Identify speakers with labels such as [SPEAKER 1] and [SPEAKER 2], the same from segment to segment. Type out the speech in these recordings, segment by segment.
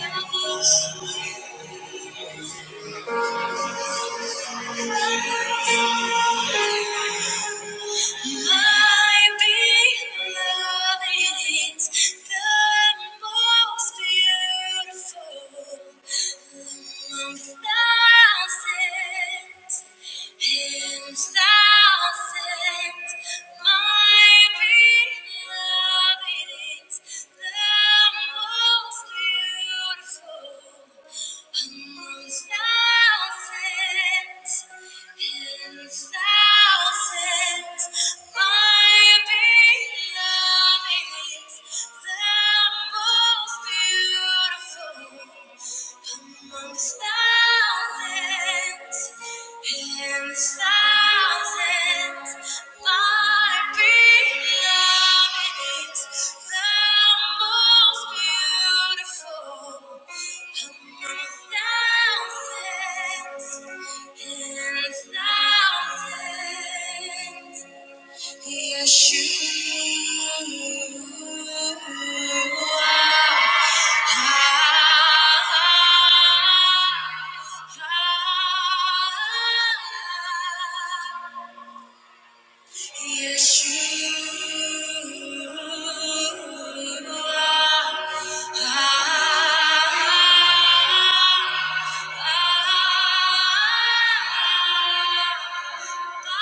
[SPEAKER 1] Thank you. My beloved is the most beautiful among thousands and thousands. My beloved is the most beautiful among thousands and thousands. Thousands and thousands. Yes, you are. Thousands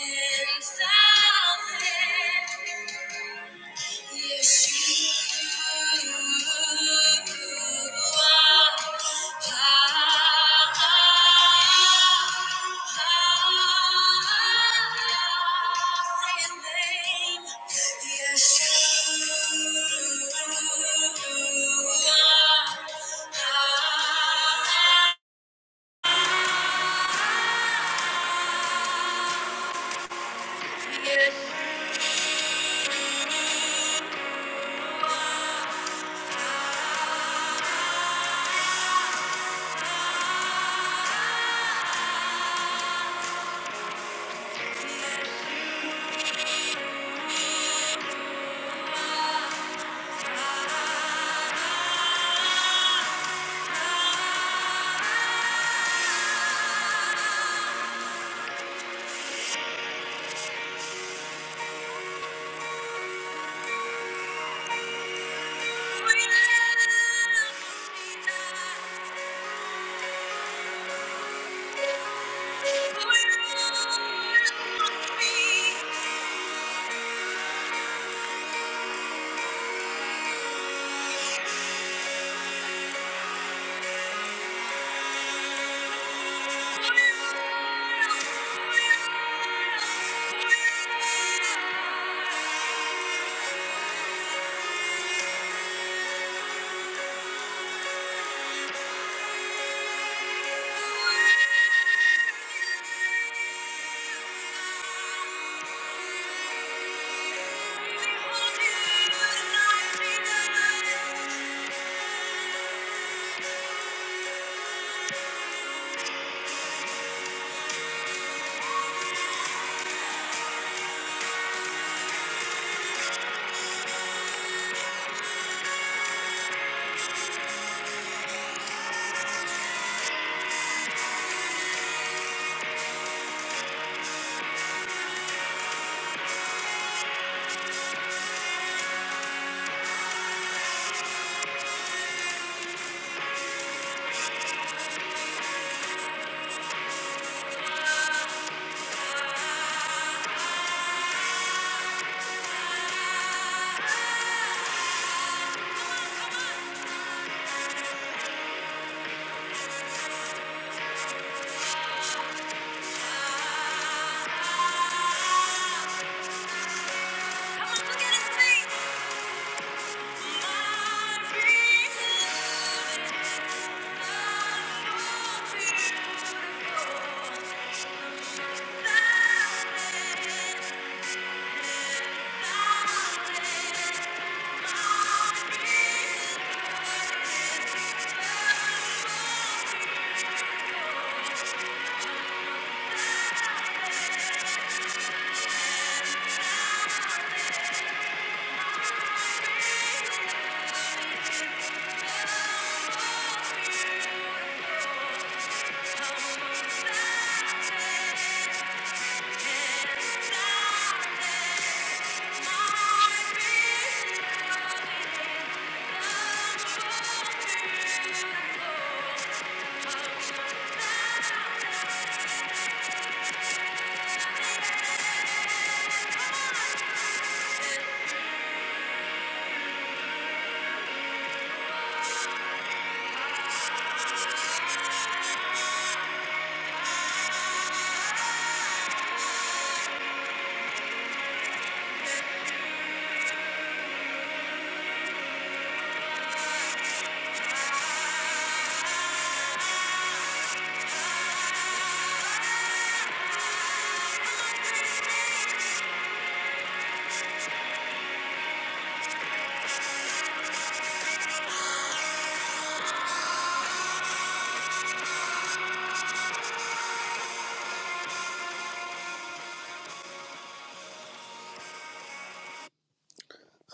[SPEAKER 1] and thousands. Yes. you we love you. Thank you. Thank you.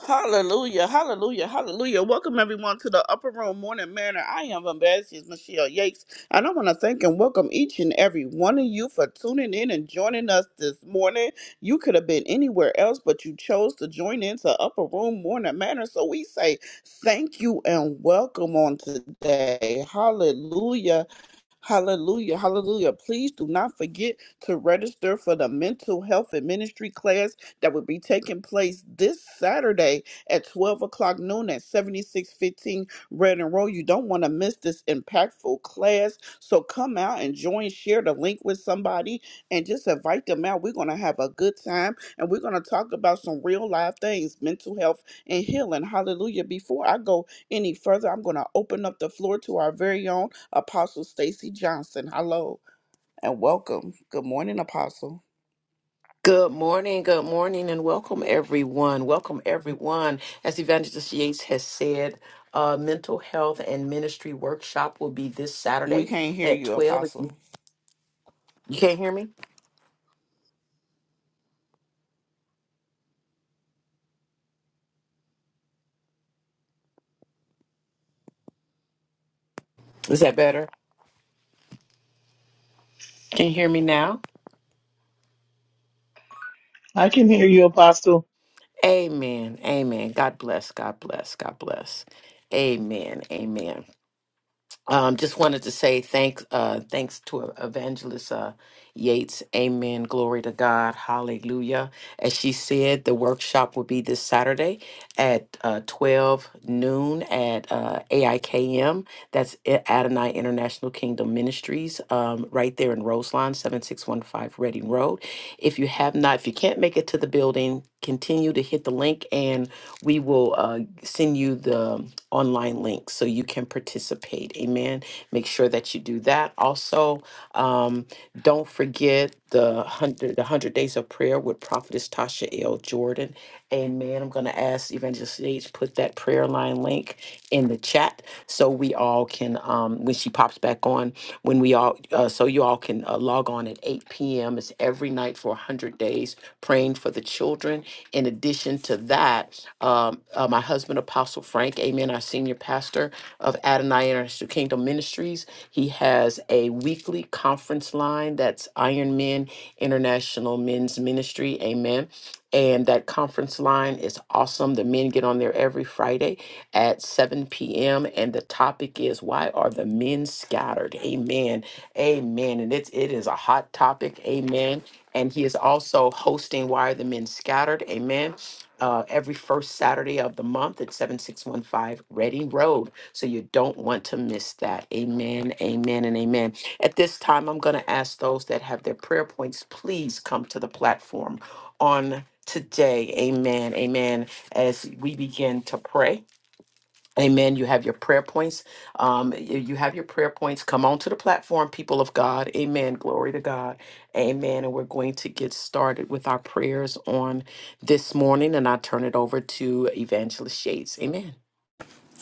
[SPEAKER 1] Hallelujah, hallelujah, hallelujah. Welcome everyone to the Upper Room Morning Manor. I am Ambassador Michelle Yates, and I want to thank and welcome each and every one of you for tuning in and joining us this morning. You could have been anywhere else, but you chose to join into Upper Room Morning Manor. So we say thank you and welcome on today. Hallelujah. Hallelujah. Hallelujah. Please do not forget to register for the mental health and ministry class that will be taking place this Saturday at 12 o'clock noon at 7615 Red and Roll. You don't want to miss this impactful class. So come out and join, share the link with somebody, and just invite them out. We're going to have a good time and we're going to talk about some real life things mental health and healing. Hallelujah. Before I go any further, I'm going to open up the floor to our very own. Apostle Stacy Johnson. Hello and welcome. Good morning, Apostle.
[SPEAKER 2] Good morning, good morning, and welcome everyone. Welcome everyone. As Evangelist Yates has said, uh, mental health and ministry workshop will be this
[SPEAKER 1] We
[SPEAKER 2] Saturday
[SPEAKER 1] can't hear
[SPEAKER 2] at
[SPEAKER 1] you,
[SPEAKER 2] 12. If
[SPEAKER 1] Apostle.
[SPEAKER 2] You you can't hear me? Is that better? Can you hear me now?
[SPEAKER 3] I can hear you, Apostle.
[SPEAKER 2] Amen. Amen. God bless. God bless. God bless. Amen. Amen. Um, just wanted to say thanks, uh, thanks to Evangelist uh, Yates. Amen. Glory to God. Hallelujah. As she said, the workshop will be this Saturday at uh, 12 noon at uh, AIKM. That's I- Adonai International Kingdom Ministries, um, right there in Roseline, 7615 Reading Road. If you have not, if you can't make it to the building, continue to hit the link and we will uh, send you the online link so you can participate. Amen. Make sure that you do that. Also, um, don't forget the 100, the 100 Days of Prayer with Prophetess Tasha L. Jordan Amen. I'm going to ask Evangelist Sage put that prayer line link in the chat so we all can, um, when she pops back on, when we all, uh, so you all can uh, log on at 8 p.m. It's every night for 100 days, praying for the children. In addition to that, um, uh, my husband, Apostle Frank, amen, our senior pastor of Adonai International Kingdom Ministries, he has a weekly conference line that's Iron Men International Men's Ministry, amen and that conference line is awesome. The men get on there every Friday at 7 p.m. And the topic is why are the men scattered? Amen. Amen. And it's it is a hot topic. Amen. And he is also hosting Why Are the Men Scattered? Amen. Uh, every first Saturday of the month at 7615 Reading Road. So you don't want to miss that. Amen, amen, and amen. At this time, I'm going to ask those that have their prayer points, please come to the platform on today. Amen. Amen. As we begin to pray. Amen. You have your prayer points. Um, y- you have your prayer points. Come on to the platform, people of God. Amen. Glory to God. Amen. And we're going to get started with our prayers on this morning. And I turn it over to Evangelist Shades. Amen.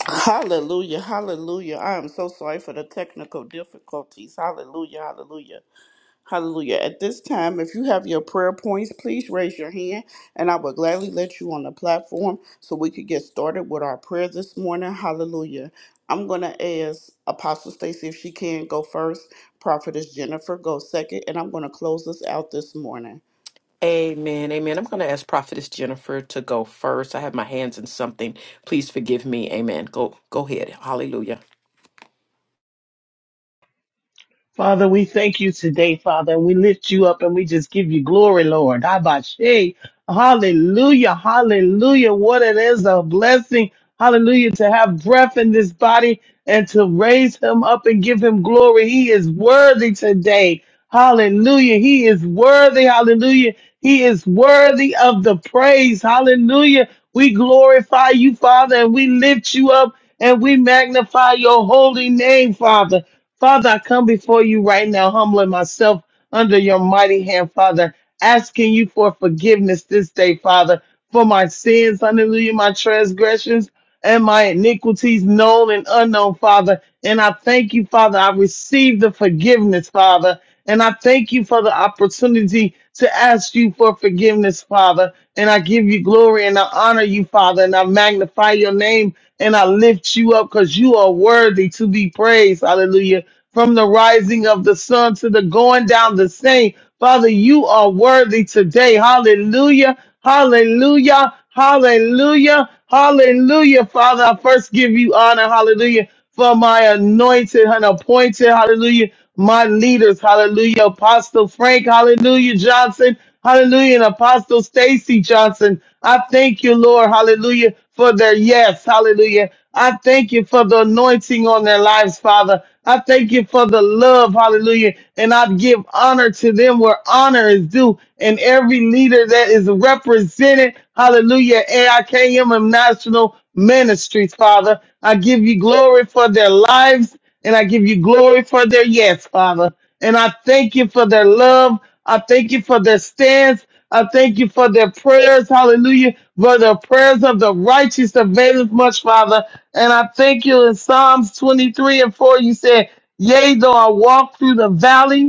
[SPEAKER 1] Hallelujah, hallelujah. I am so sorry for the technical difficulties. Hallelujah, hallelujah, hallelujah. At this time, if you have your prayer points, please raise your hand and I will gladly let you on the platform so we could get started with our prayer this morning. Hallelujah. I'm going to ask Apostle Stacy if she can go first, Prophetess Jennifer go second, and I'm going to close us out this morning.
[SPEAKER 2] Amen. Amen. I'm going to ask Prophetess Jennifer to go first. I have my hands in something. Please forgive me. Amen. Go go ahead. Hallelujah.
[SPEAKER 3] Father, we thank you today, Father, and we lift you up and we just give you glory, Lord. Abashe. Hallelujah. Hallelujah. What it is a blessing. Hallelujah. To have breath in this body and to raise him up and give him glory. He is worthy today. Hallelujah. He is worthy. Hallelujah. He is worthy of the praise. Hallelujah. We glorify you, Father, and we lift you up and we magnify your holy name, Father. Father, I come before you right now, humbling myself under your mighty hand, Father, asking you for forgiveness this day, Father, for my sins, hallelujah, my transgressions and my iniquities known and unknown, Father. And I thank you, Father. I receive the forgiveness, Father. And I thank you for the opportunity to ask you for forgiveness, Father. And I give you glory and I honor you, Father. And I magnify your name and I lift you up because you are worthy to be praised. Hallelujah. From the rising of the sun to the going down the same. Father, you are worthy today. Hallelujah. Hallelujah. Hallelujah. Hallelujah. Father, I first give you honor. Hallelujah. For my anointed and appointed. Hallelujah. My leaders. Hallelujah. Apostle Frank. Hallelujah. Johnson. Hallelujah. And Apostle Stacy Johnson. I thank you, Lord. Hallelujah. For their yes. Hallelujah. I thank you for the anointing on their lives, Father. I thank you for the love, hallelujah. And I give honor to them where honor is due. And every leader that is represented, hallelujah, AIKM and National Ministries, Father. I give you glory for their lives and I give you glory for their yes, Father. And I thank you for their love. I thank you for their stance. I thank you for their prayers. Hallelujah. For the prayers of the righteous availeth much, Father. And I thank you in Psalms 23 and 4, you said, Yea, though I walk through the valley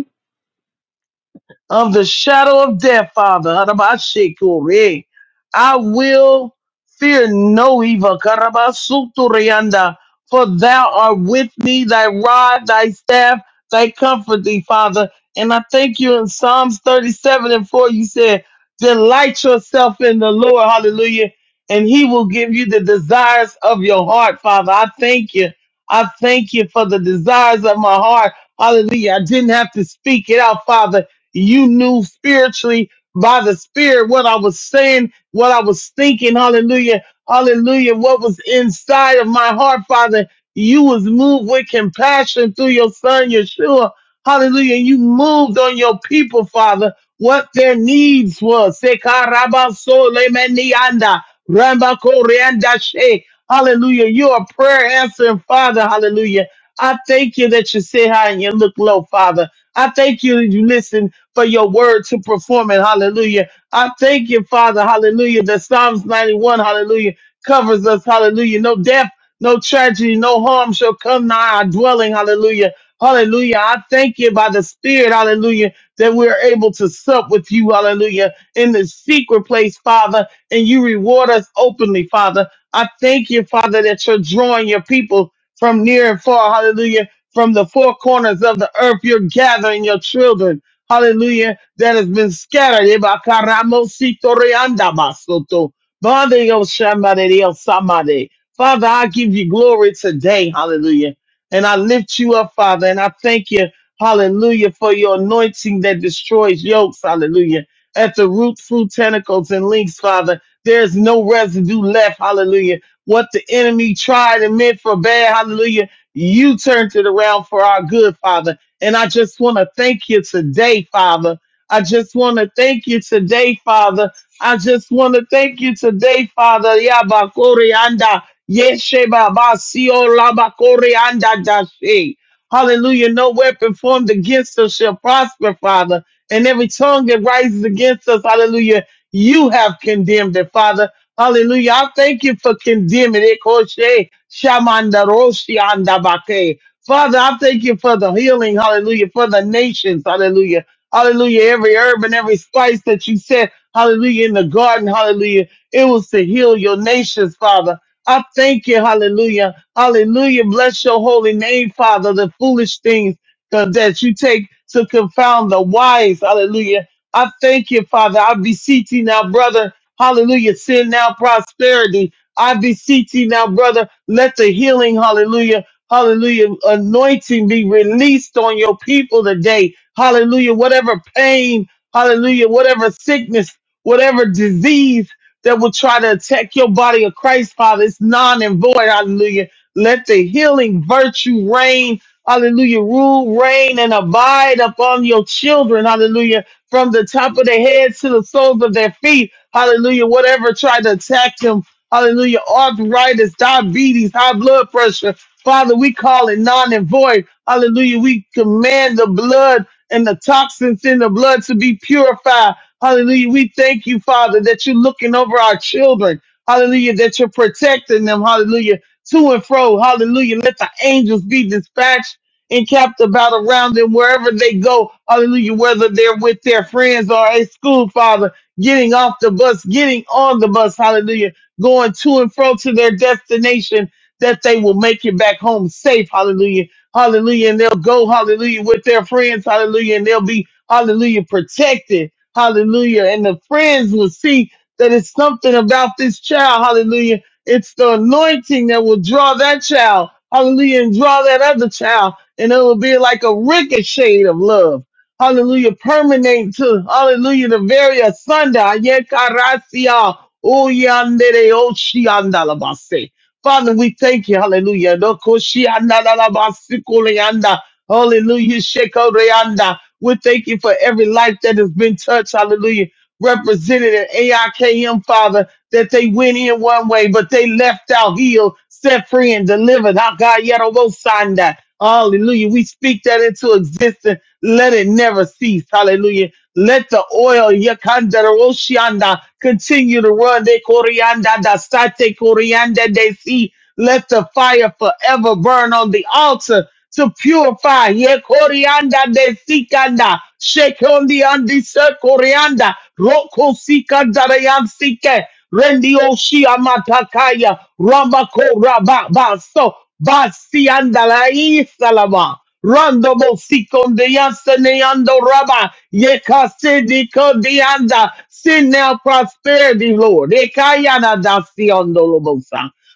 [SPEAKER 3] of the shadow of death, Father. Harabashikuri. I will fear no evil. Karabasuturianda. For thou art with me, thy rod, thy staff, thy comfort thee, Father. And I thank you in Psalms 37 and 4, you said, Delight yourself in the Lord, hallelujah, and he will give you the desires of your heart, Father. I thank you. I thank you for the desires of my heart. Hallelujah. I didn't have to speak it out, Father you knew spiritually by the spirit what I was saying, what I was thinking. Hallelujah. Hallelujah. What was inside of my heart, Father. You was moved with compassion through your son, Yeshua. Hallelujah. You moved on your people, Father, what their needs was. Sekarabasole menianda, Rambakoreandashe. Hallelujah. You're a prayer answering Father. Hallelujah. I thank you that you sit high and you look low, Father. I thank you that you listen for your word to perform it. Hallelujah. I thank you, Father. Hallelujah. That Psalms 91, hallelujah, covers us. Hallelujah. No death, no tragedy, no harm shall come nigh our dwelling. Hallelujah. Hallelujah. I thank you by the Spirit. Hallelujah. That we're able to sup with you. Hallelujah. In the secret place, Father. And you reward us openly, Father. I thank you, Father, that you're drawing your people from near and far. Hallelujah. From the four corners of the earth, you're gathering your children hallelujah, that has been scattered. Eba karamo sito reanda basoto. Bande yo shamade yo samade. Father, I give you glory today, hallelujah. And I lift you up, Father, and I thank you, hallelujah, for your anointing that destroys yokes, hallelujah. At the root, fruit, tentacles, and links, Father, there's no residue left, hallelujah. What the enemy tried and meant for bad, hallelujah, you turned it around for our good, Father. And I just want to thank you today, Father. I just want to thank you today, Father. I just want to thank you today, Father. Yabakori anda yeshe babasio labakori anda dashe. Hallelujah. No weapon formed against us shall prosper, Father. And every tongue that rises against us, hallelujah, you have condemned it, Father. Hallelujah. I thank you for condemning it. Koshe shamanda roshi anda bake. Father, I thank you for the healing, hallelujah, for the nations, hallelujah, hallelujah, every herb and every spice that you said, hallelujah, in the garden, hallelujah, it was to heal your nations, Father. I thank you, hallelujah, hallelujah, bless your holy name, Father, the foolish things that that you take to confound the wise, hallelujah. I thank you, Father. I beseech you now, brother, hallelujah, send now prosperity. I beseech you now, brother, let the healing, hallelujah, Hallelujah. Anointing be released on your people today. Hallelujah. Whatever pain, hallelujah, whatever sickness, whatever disease that will try to attack your body of Christ, Father, it's non and void. Hallelujah. Let the healing virtue reign. Hallelujah. Rule, reign, and abide upon your children. Hallelujah. From the top of their heads to the soles of their feet. Hallelujah. Whatever tried to attack them. Hallelujah. Arthritis, diabetes, high blood pressure. Father, we call it non and void. Hallelujah. We command the blood and the toxins in the blood to be purified. Hallelujah. We thank you, Father, that you're looking over our children. Hallelujah. That you're protecting them. Hallelujah. To and fro. Hallelujah. Let the angels be dispatched and capped about around them wherever they go. Hallelujah. Whether they're with their friends or at school, Father, getting off the bus, getting on the bus. Hallelujah. Going to and fro to their destination that they will make it back home safe. Hallelujah. Hallelujah. And they'll go, hallelujah, with their friends. Hallelujah. And they'll be, hallelujah, protected. Hallelujah. And the friends will see that it's something about this child. Hallelujah. It's the anointing that will draw that child. Hallelujah. And draw that other child. And it will be like a ricochet of love. Hallelujah. Permanent to, hallelujah, the very asunda. Yekarasia. Oyandere oshiandalabase. Father, we thank you. Hallelujah. No koshianda la la basikulianda. Hallelujah. Shekoreanda. We thank you for every life that has been touched. Hallelujah. Represented at AIKM, Father, that they went in one way, but they left out healed, set free, and delivered. Ah, God, yet on both sides. Hallelujah. We speak that into existence. Let it never cease. Hallelujah. Let the oil yakandaroshianda continue to run. De corianda da sate corianda de si. Let the fire forever burn on the altar to purify. Ye corianda de sikanda, shake on the andi se corianda, roko sikanda yan sike, rendi oshi amatakaya, ramako rababa so, basi anda la isalama. Rando mo sikon de yasaneando raba, ye kase di kodianda, sin now prosperity, Lord. Ekayana da siondo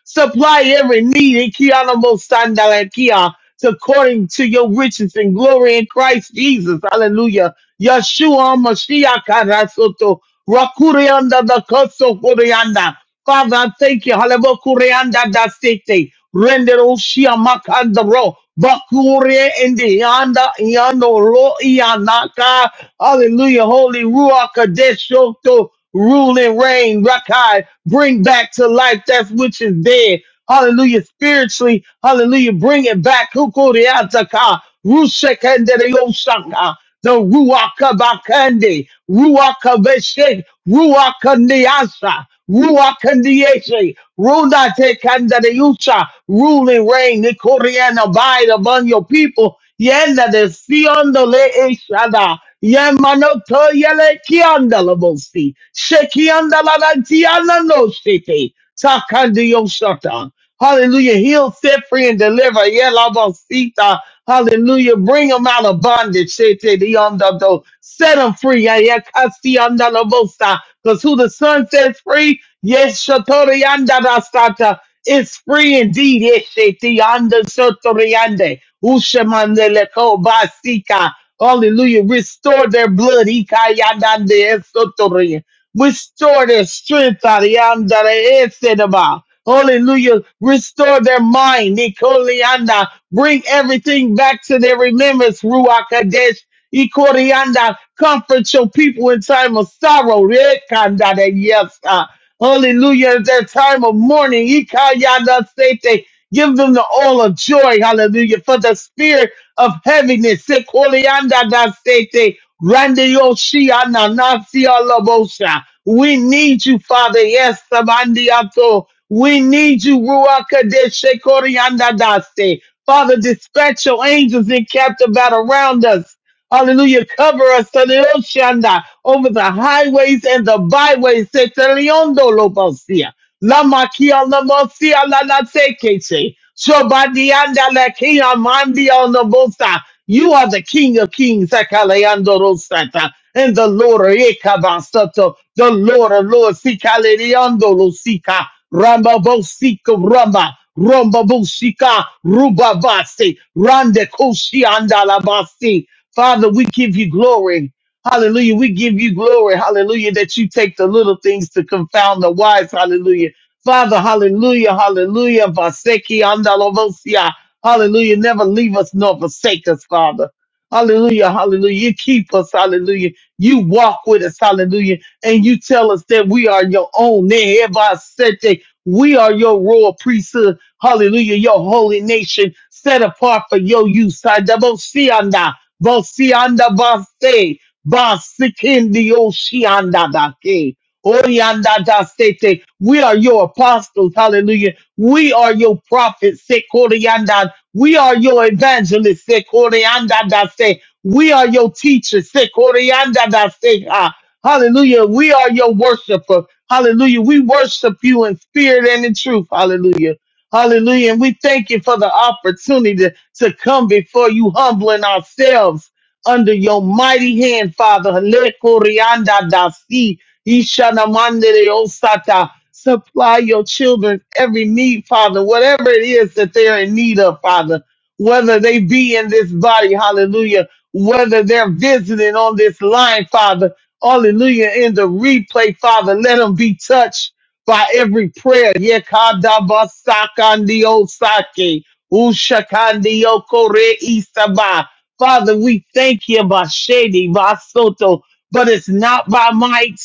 [SPEAKER 3] Supply every need in Kiana Mosandalakia according to your riches and glory in Christ Jesus. Hallelujah. Yeshua Mashiach Rasoto. Rakurianda da Koso Kurianda. Father, I thank you. Hallelujah. Kurianda da Sete. Render Oshia Makandaro. Bakure and Yanda Yano Lo Yanaka. Hallelujah. Holy Ruach Kadesh Shoto. Rule and reign, Rakai. Bring back to life that which is dead. Hallelujah. Spiritually, hallelujah. Bring it back. Hukuriataka. Rushekendere Yoshaka the ruaka Bakandi, ruaka bakandi, ruaka Ruakabeshik, ruaka Ruakandiese, Runa Tekandariusa, rule and reign, the Korean abide among your people, Yenda de Siondole Eshada, Yamanoto Yele Kiandalabosi, Shekiandalatiana no City, Takandio Shatan. Hallelujah. Heal, set free, and deliver. Yelabosita. Hallelujah. Bring them out of bondage. Set them free. Because who the Son sets free, yes, Shatori yanda da sata, is free indeed. Yes, sheti yanda sotori yande. Ushamande leko basika. Hallelujah. Restore their blood. Ika yanda de sotori. Restore their strength. Arianda de esedaba. Hallelujah. Restore their mind. Nikolianda. Bring everything back to their remembrance. Ruach Kadesh. Ikorianda. Comfort your people in time of sorrow. Rekanda de Yes. ah. Hallelujah. In their time of mourning. Ikayanda sete. Give them the oil of joy. Hallelujah. For the spirit of heaviness. Ikorianda da sete. Randioshiananasialabosa. We need you, Father. Yes, Sabandiato. We need you, Ruach Kadesh Korianda daste, Father, dispatch your angels in captive about around us. Hallelujah. Cover us, Sanioshanda, over the highways and the byways. Seteliondo Lobosia. La makia la mosia la la tekete. Shobadianda la kia mandia on the bosa. You are the King of Kings, Akaleando Rosata, and the Lord Ekabasato, the Lord of Lords, Sikaleando Rosika, Ramba Bosika Ramba, Ramba Bosika, Rubabasi, Rande Koshi Andalabasi. Father, we give you glory. Hallelujah. We give you glory. Hallelujah. That you take the little things to confound the wise. Hallelujah. Father, hallelujah. Hallelujah. Vaseki andalovosia. Hallelujah. Never leave us nor forsake us, Father. Hallelujah. Hallelujah. You keep us. Hallelujah. You walk with us. Hallelujah. And you tell us that we are your own. Nehevasete. We are your royal priesthood. Hallelujah. Your holy nation set apart for your use. Sadabosianda. Bosianda Vase. Basikindioshi Oriandadasete. We are your apostles. Hallelujah. We are your prophets. Sekoriandad. We are your evangelists. Sekoriandadase. We are your teachers. Sekoriandadase. Ah, Hallelujah. We are your worshiper. Hallelujah. We worship you in spirit and in truth. Hallelujah. Hallelujah. And we thank you for the opportunity to to come before you, humbling ourselves under your mighty hand, Father. Le corianda da si, ishana de osata. Supply your children every need, Father, whatever it is that they're in need of, Father, whether they be in this body, hallelujah, whether they're visiting on this line, Father, hallelujah, in the replay, Father, let them be touched by every prayer. Yekada basakandi osake, ushakandi okore isaba. Father, we thank you, Bashedi, Basoto, but it's not by might,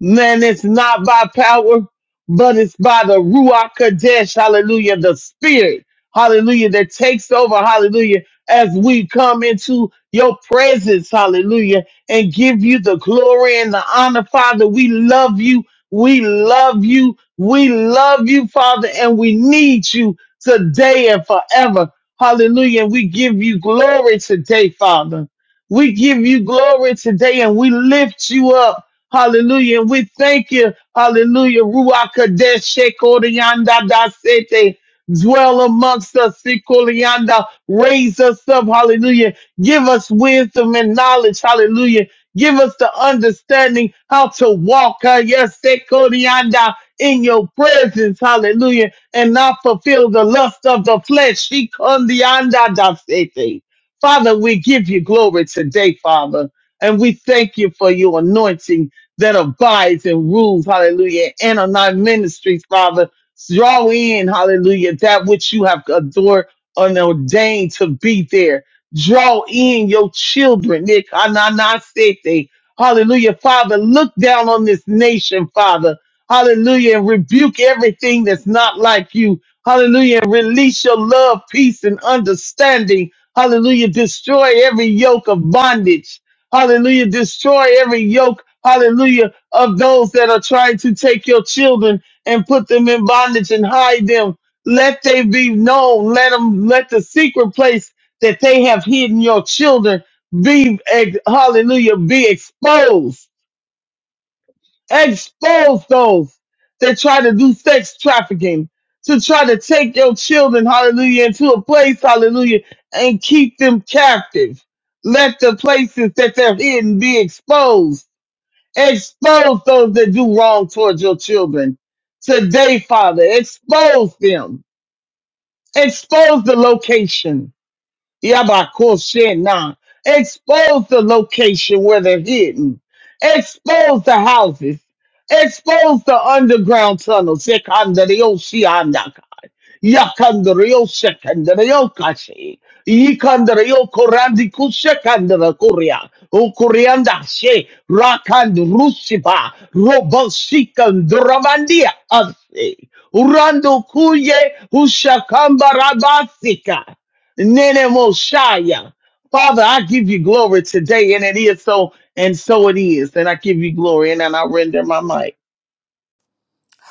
[SPEAKER 3] man, it's not by power, but it's by the Ruach Kadesh, hallelujah, the Spirit, hallelujah, that takes over, hallelujah, as we come into your presence, hallelujah, and give you the glory and the honor, Father. We love you, we love you, we love you, Father, and we need you today and forever. Hallelujah. And We give you glory today, Father. We give you glory today and we lift you up. Hallelujah. And we thank you. Hallelujah. Ruach Kadesh Shekorianda Da Sete. Dwell amongst us, Sikolianda. Raise us up. Hallelujah. Give us wisdom and knowledge. Hallelujah. Give us the understanding how to walk. uh, Yes, Sekorianda. In your presence. Hallelujah and not fulfill the lust of the flesh. She come the Father, we give you glory today, Father, and we thank you for your anointing that abides and rules, hallelujah, and on our ministries, Father. Draw in, hallelujah, that which you have adored and ordained to be there. Draw in your children, Nick. Ananasete. Hallelujah, Father. Look down on this nation, Father. Hallelujah. And rebuke everything that's not like you. Hallelujah. And release your love, peace, and understanding. Hallelujah. Destroy every yoke of bondage. Hallelujah. Destroy every yoke. Hallelujah. Of those that are trying to take your children and put them in bondage and hide them. Let they be known. Let them, let the secret place that they have hidden your children be, eh, hallelujah, be exposed expose those that try to do sex trafficking, to try to take your children, hallelujah, into a place, hallelujah, and keep them captive. Let the places that they're hidden be exposed. Expose those that do wrong towards your children. Today, Father, expose them. Expose the location. Yabakoshena. Expose the location where they're hidden. Expose the houses. Expose the underground tunnels. Yakandere yo sekandere yo kashi. Yikandere yo korandi kusekandere kuria. Ukurianda she rakand rusipa. Robosikandramandia asi. Urando kuye ushakamba rabasika Nene moshaya. Father, I give you glory today, and it is so, and so it is. And I give you glory, and then I render my mic.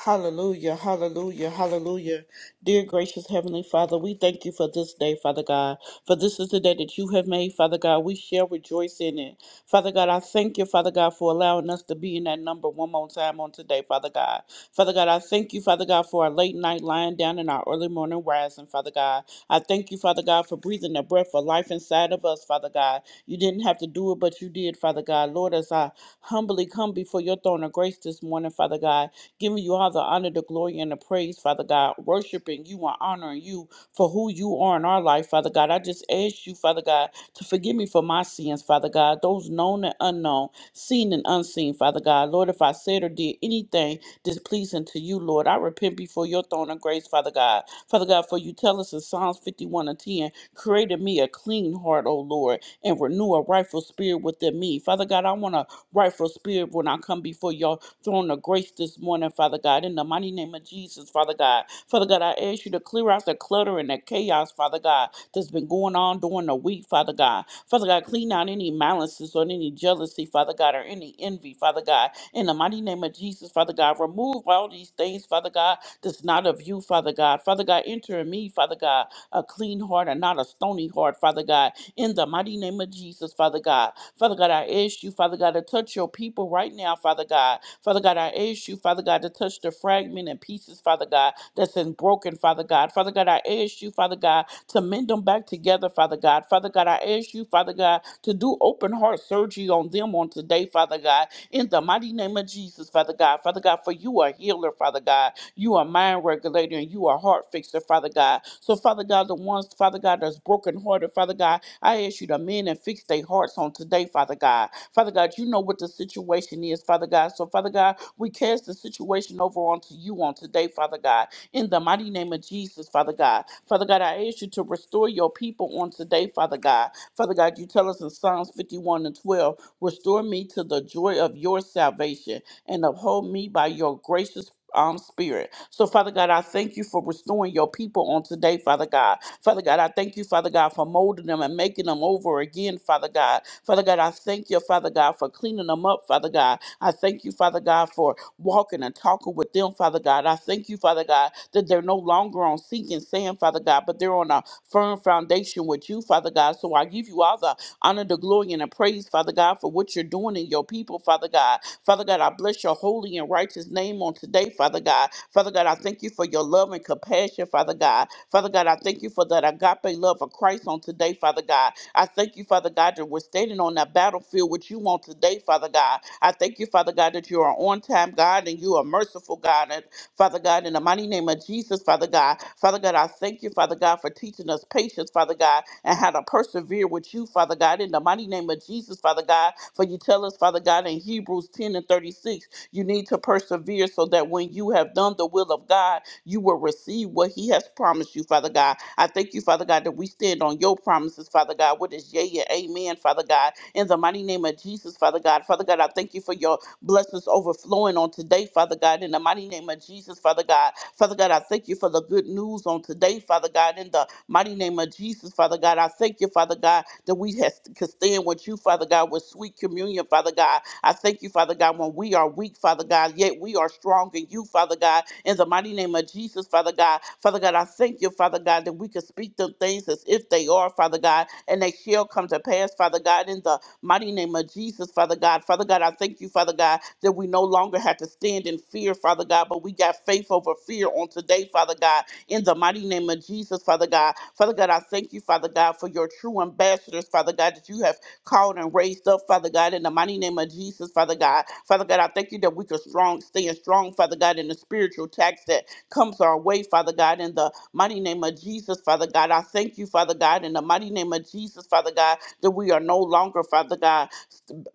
[SPEAKER 1] Hallelujah, hallelujah, hallelujah. Dear gracious Heavenly Father, we thank you for this day, Father God. For this is the day that you have made, Father God. We shall rejoice in it. Father God, I thank you, Father God, for allowing us to be in that number one more time on today, Father God. Father God, I thank you, Father God, for our late night lying down and our early morning rising, Father God. I thank you, Father God, for breathing the breath of life inside of us, Father God. You didn't have to do it, but you did, Father God. Lord, as I humbly come before your throne of grace this morning, Father God, giving you all the honor, the glory, and the praise, Father God, worshiping you and honoring you for who you are in our life, Father God. I just ask you, Father God, to forgive me for my sins, Father God, those known and unknown, seen and unseen, Father God. Lord, if I said or did anything displeasing to you, Lord, I repent before your throne of grace, Father God. Father God, for you tell us in Psalms 51 and 10, created me a clean heart, O Lord, and renew a rightful spirit within me. Father God, I want a rightful spirit when I come before your throne of grace this morning, Father God, in the mighty name of Jesus, Father God. Father God, I ask you to clear out the clutter and the chaos, Father God, that's been going on during the week, Father God. Father God, clean out any malices or any jealousy, Father God, or any envy, Father God. In the mighty name of Jesus, Father God, remove all these things, Father God, that's not of you, Father God. Father God, enter in me, Father God, a clean heart and not a stony heart, Father God. In the mighty name of Jesus, Father God. Father God, I ask you, Father God, to touch your people right now, Father God. Father God, I ask you, Father God, to touch the fragment and pieces, Father God, that's in broken, Father God. Father God, I ask you, Father God, to mend them back together, Father God. Father God, I ask you, Father God, to do open heart surgery on them on today, Father God in the mighty name of Jesus, Father God. Father God, for you are healer, Father God. You are mind regulator and you are heart fixer, Father God. So, Father God, the ones, Father God, that's brokenhearted, Father God, I ask you to mend and fix their hearts on today, Father God. Father God, you know what the situation is, Father God. So, Father God, we cast the situation over onto you on today, Father God. In the mighty name of Jesus, Father God. Father God, I ask you to restore your people on today, Father God. Father God, you tell us in Psalms 51 and 12. Restore me to the joy of your salvation and uphold me by your gracious um, spirit. So, Father God, I thank you for restoring your people on today, Father God. Father God, I thank you, Father God, for molding them and making them over again, Father God. Father God, I thank you, Father God, for cleaning them up, Father God. I thank you, Father God, for walking and talking with them, Father God. I thank you, Father God, that they're no longer on sinking sand, Father God, but they're on a firm foundation with you, Father God. So I give you all the honor, the glory, and the praise, Father God, for what you're doing in your people, Father God. Father God, I bless your holy and righteous name on today, Father God. Father God, I thank you for your love and compassion, Father God. Father God, I thank you for that agape love of Christ on today, Father God. I thank you, Father God, that we're standing on that battlefield with you on today, Father God. I thank you, Father God, that you are on time, God, and you are merciful, God. and Father God, in the mighty name of Jesus, Father God. Father God, I thank you, Father God, for teaching us patience, Father God, and how to persevere with you, Father God, in the mighty name of Jesus, Father God. For you tell us, Father God, in Hebrews 10 and 36, you need to persevere so that when you have done the will of God, you will receive what he has promised you, Father God. I thank you, Father God, that we stand on your promises, Father God, what is yea and amen, Father God. In the mighty name of Jesus, Father God. Father God, I thank you for your blessings overflowing on today, Father God, in the mighty name of Jesus, Father God. Father God, I thank you for the good news on today, Father God, in the mighty name of Jesus, Father God. I thank you, Father God, that we has, can stand with you, Father God, with sweet communion, Father God. I thank you, Father God, when we are weak, Father God, yet we are strong in you, Father God, in the mighty name of Jesus, Father God. Father God, Father God, I thank you, Father God, that we can speak them things as if they are, Father God, and they shall come to pass, Father God, in the mighty name of Jesus, Father God. Father God, I thank you, Father God, that we no longer have to stand in fear, Father God, but we got faith over fear on today, Father God, in the mighty name of Jesus, Father God. Father God, I thank you, Father God, for your true ambassadors, Father God, that you have called and raised up, Father God, in the mighty name of Jesus, Father God. Father God, I thank you that we can strong, stand strong, Father God, in the spiritual attacks that comes our way, Father God, in the mighty name of Jesus, Father God. I thank you, Father God, in the mighty name of Jesus, Father God, that we are no longer, Father God,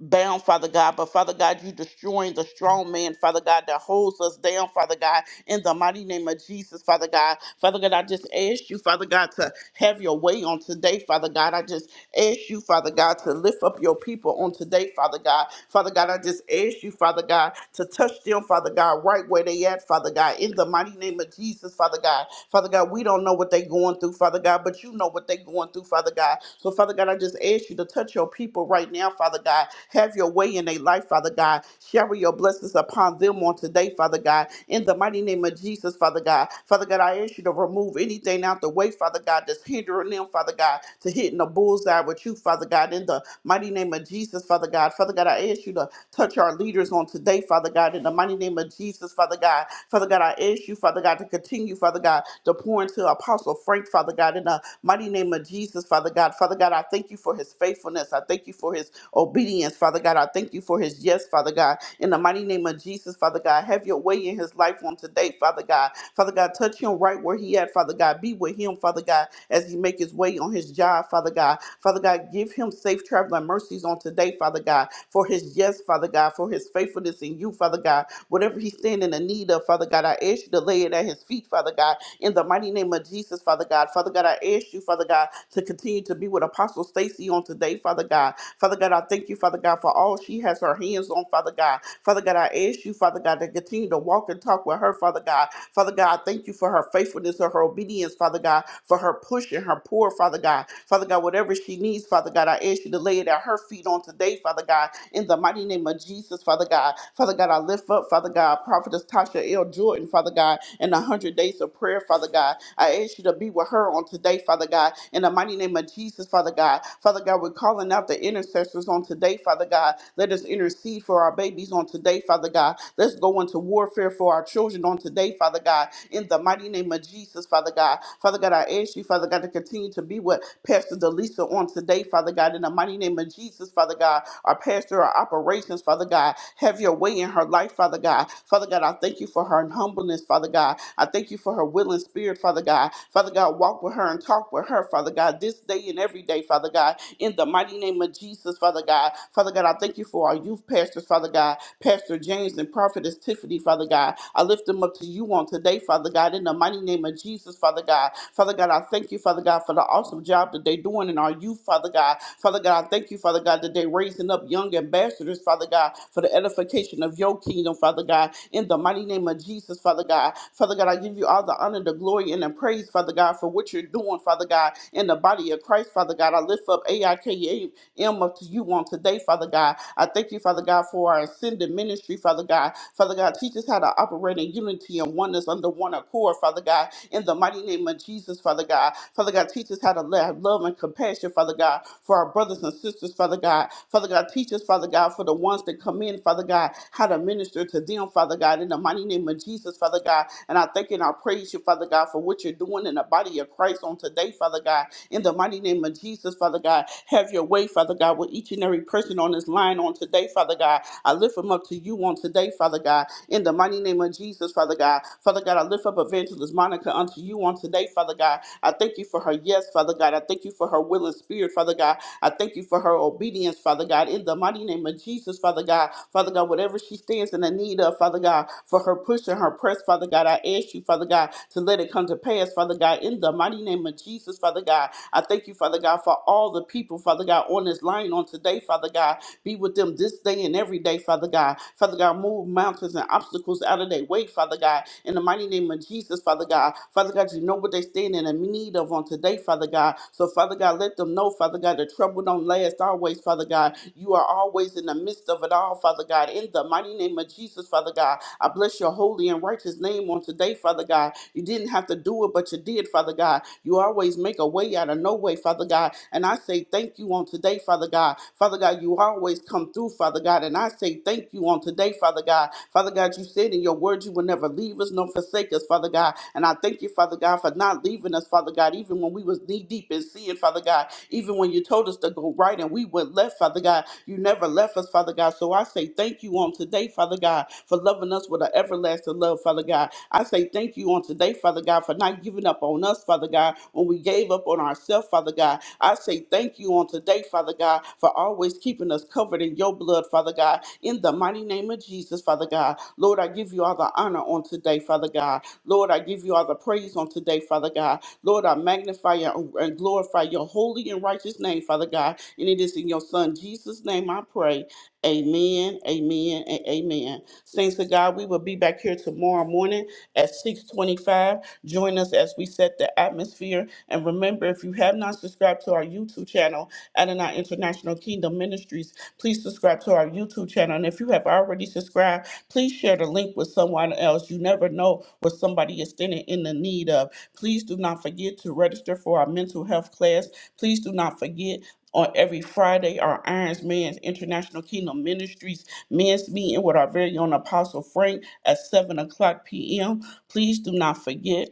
[SPEAKER 1] bound, Father God. But Father God, you destroying the strong man, Father God, that holds us down, Father God, in the mighty name of Jesus, Father God. Father God, I just ask you, Father God, to have your way on today, Father God. I just ask you, Father God, God, to lift up your people on today, Father God. Father God, I just ask you, Father God, to touch them, Father God, right where they at, Father God, in the mighty name of Jesus, Father God. Father God, we don't know what they going through, Father God, but you know what they going through, Father God. So, Father God, I just ask you to touch your people right now, Father God. Have your way in their life, Father God. Shower your blessings upon them on today, Father God. In the mighty name of Jesus, Father God. Father God, I ask you to remove anything out the way, Father God, that's hindering them, Father God, to hitting the bullseye with you, Father God. In the the mighty name of Jesus, Father God. Father God, I ask you to touch our leaders on today, Father God, in the mighty name of Jesus, Father God. Father God, I ask you, Father God, to continue, Father God, to pour into Apostle Frank, Father God, in the mighty name of Jesus, Father God. Father God, I thank you for his faithfulness. I thank you for his obedience, Father God. I thank you for his yes, Father God. In the mighty name of Jesus, Father God, have your way in his life on today, Father God. Father God, touch him right where he at, Father God. Be with him, Father God, as he make his way on his job, Father God. Father God, give him safe traveling mercies on today, Father God, for his yes, Father God, for his faithfulness in you, Father God. Whatever he's standing in need of, Father God, I ask you to lay it at his feet, Father God, in the mighty name of Jesus, Father God. Father God, I ask you, Father God, to continue to be with Apostle Stacy on today, Father God. Father God, I thank you, Father God, for all she has her hands on, Father God. Father God, I ask you, Father God, to continue to walk and talk with her, Father God. Father God, I thank you for her faithfulness and her obedience, Father God, for her push and her pour, Father God. Father God, whatever she needs, Father God, I ask ask you to lay it at her feet on today, Father God, in the mighty name of Jesus, Father God. Father God, I lift up, Father God, Prophetess Tasha L. Jordan, Father God, in the 100 days of prayer, Father God. I ask you to be with her on today, Father God, in the mighty name of Jesus, Father God. Father God, we're calling out the intercessors on today, Father God. Let us intercede for our babies on today, Father God. Let's go into warfare for our children on today, Father God, in the mighty name of Jesus, Father God. Father God, I ask you, Father God, to continue to be with Pastor Delisa on today, Father God. God, in the mighty name of Jesus, Father God, our pastor, our operations, Father God. Have your way in her life, Father God. Father God, I thank you for her humbleness, Father God. I thank you for her willing spirit, Father God. Father God, walk with her and talk with her, Father God, this day and every day, Father God, in the mighty name of Jesus, Father God. Father God, I thank you for our youth pastors, Father God, Pastor James and Prophetess Tiffany, Father God. I lift them up to you on today, Father God, in the mighty name of Jesus, Father God. Father God, I thank you, Father God, for the awesome job that they're doing in our youth, Father God. Father God, I thank you, Father God, that they're raising up young ambassadors, Father God, for the edification of your kingdom, Father God, in the mighty name of Jesus, Father God. Father God, I give you all the honor, the glory, and the praise, Father God, for what you're doing, Father God, in the body of Christ, Father God. I lift up A I K A M up to you on today, Father God. I thank you, Father God, for our ascended ministry, Father God. Father God, teach us how to operate in unity and oneness under one accord, Father God, in the mighty name of Jesus, Father God. Father God, teach us how to have love and compassion, Father God, for our brothers and sisters, Father God. Father God, teach us, Father God, for the ones that come in, Father God, how to minister to them, Father God, in the mighty name of Jesus, Father God. And I thank and I praise you, Father God, for what you're doing in the body of Christ on today, Father God. In the mighty name of Jesus, Father God, have your way, Father God, with each and every person on this line on today, Father God. I lift them up to you on today, Father God. In the mighty name of Jesus, Father God. Father God, I lift up Evangelist Monica unto you on today, Father God. I thank you for her yes, Father God. I thank you for her willing spirit, Father God. I thank you for her obedience, Father God, in the mighty name of Jesus, Father God. Father God, whatever she stands in the need of, Father God, for her push and her press, Father God, I ask you, Father God, to let it come to pass, Father God, in the mighty name of Jesus, Father God. I thank you, Father God, for all the people, Father God, on this line on today, Father God. Be with them this day and every day, Father God. Father God, move mountains and obstacles out of their way, Father God God. In the mighty name of Jesus, Father God. Father God, you know what they stand in need of on today, Father God. So, Father God, let them know, Father God, that trouble don't last always, Father God. You are always in the midst of it all, Father God. In the mighty name of Jesus, Father God. I bless your holy and righteous name on today, Father God. You didn't have to do it, but you did, Father God. You always make a way out of no way, Father God. And I say thank you on today today, Father God. Father God, you always come through, Father God, and I say thank you on today, Father God. Father God, you said in your word you will never leave us nor forsake us, Father God, and I thank you, Father God, for not leaving us, Father God, even when we was knee deep in sin, Father God, even when you told us to go right and we went left, Father God, you never left us, Father God. So I say thank you on today, Father God, for loving us with an everlasting love, Father God. I say thank you on today, Father God, for not giving up on us, Father God, when we gave up on ourselves, Father God. I say thank you on today, Father God, for always keeping us covered in your blood, Father God, in the mighty name of Jesus, Father God. Lord, I give you all the honor on today, Father God. Lord, I give you all the praise on today, Father God. Lord, I magnify and and glorify your holy and righteous name, Father God. And it is in your Son, Jesus' name, I pray. Amen, amen, and amen. Saints of God, we will be back here tomorrow morning at 625. Join us as we set the atmosphere. And remember, if you have not subscribed to our YouTube channel, Adonai International Kingdom Ministries, please subscribe to our YouTube channel. And if you have already subscribed, please share the link with someone else. You never know what somebody is standing in the need of. Please do not forget to register for our mental health class. Please do not forget on every Friday, our Irons Man's International Kingdom Ministries men's meeting with our very own Apostle Frank at 7 o'clock p.m. Please do not forget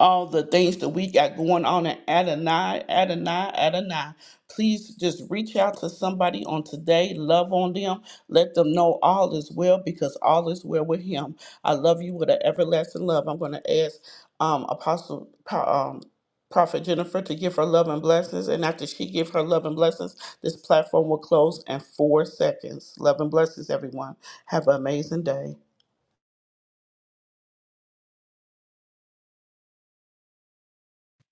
[SPEAKER 1] all the things that we got going on at Adonai, Adonai, Adonai. Please just reach out to somebody on today. Love on them. Let them know all is well because all is well with Him. I love you with an everlasting love. I'm going to ask um, Apostle. Um, Prophet Jennifer to give her love and blessings, and after she give her love and blessings, this platform will close in four seconds. Love and blessings, everyone. Have an amazing day.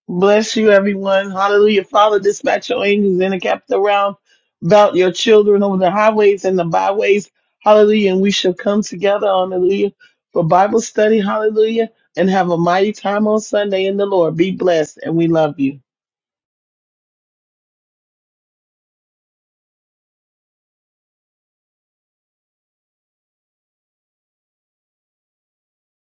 [SPEAKER 3] Bless you, everyone. Hallelujah. Father, dispatch your angels in the capital realm about your children over the highways and the byways. Hallelujah. And we shall come together, hallelujah, for Bible study. Hallelujah. And have a mighty time on Sunday in the Lord. Be blessed. And we love you.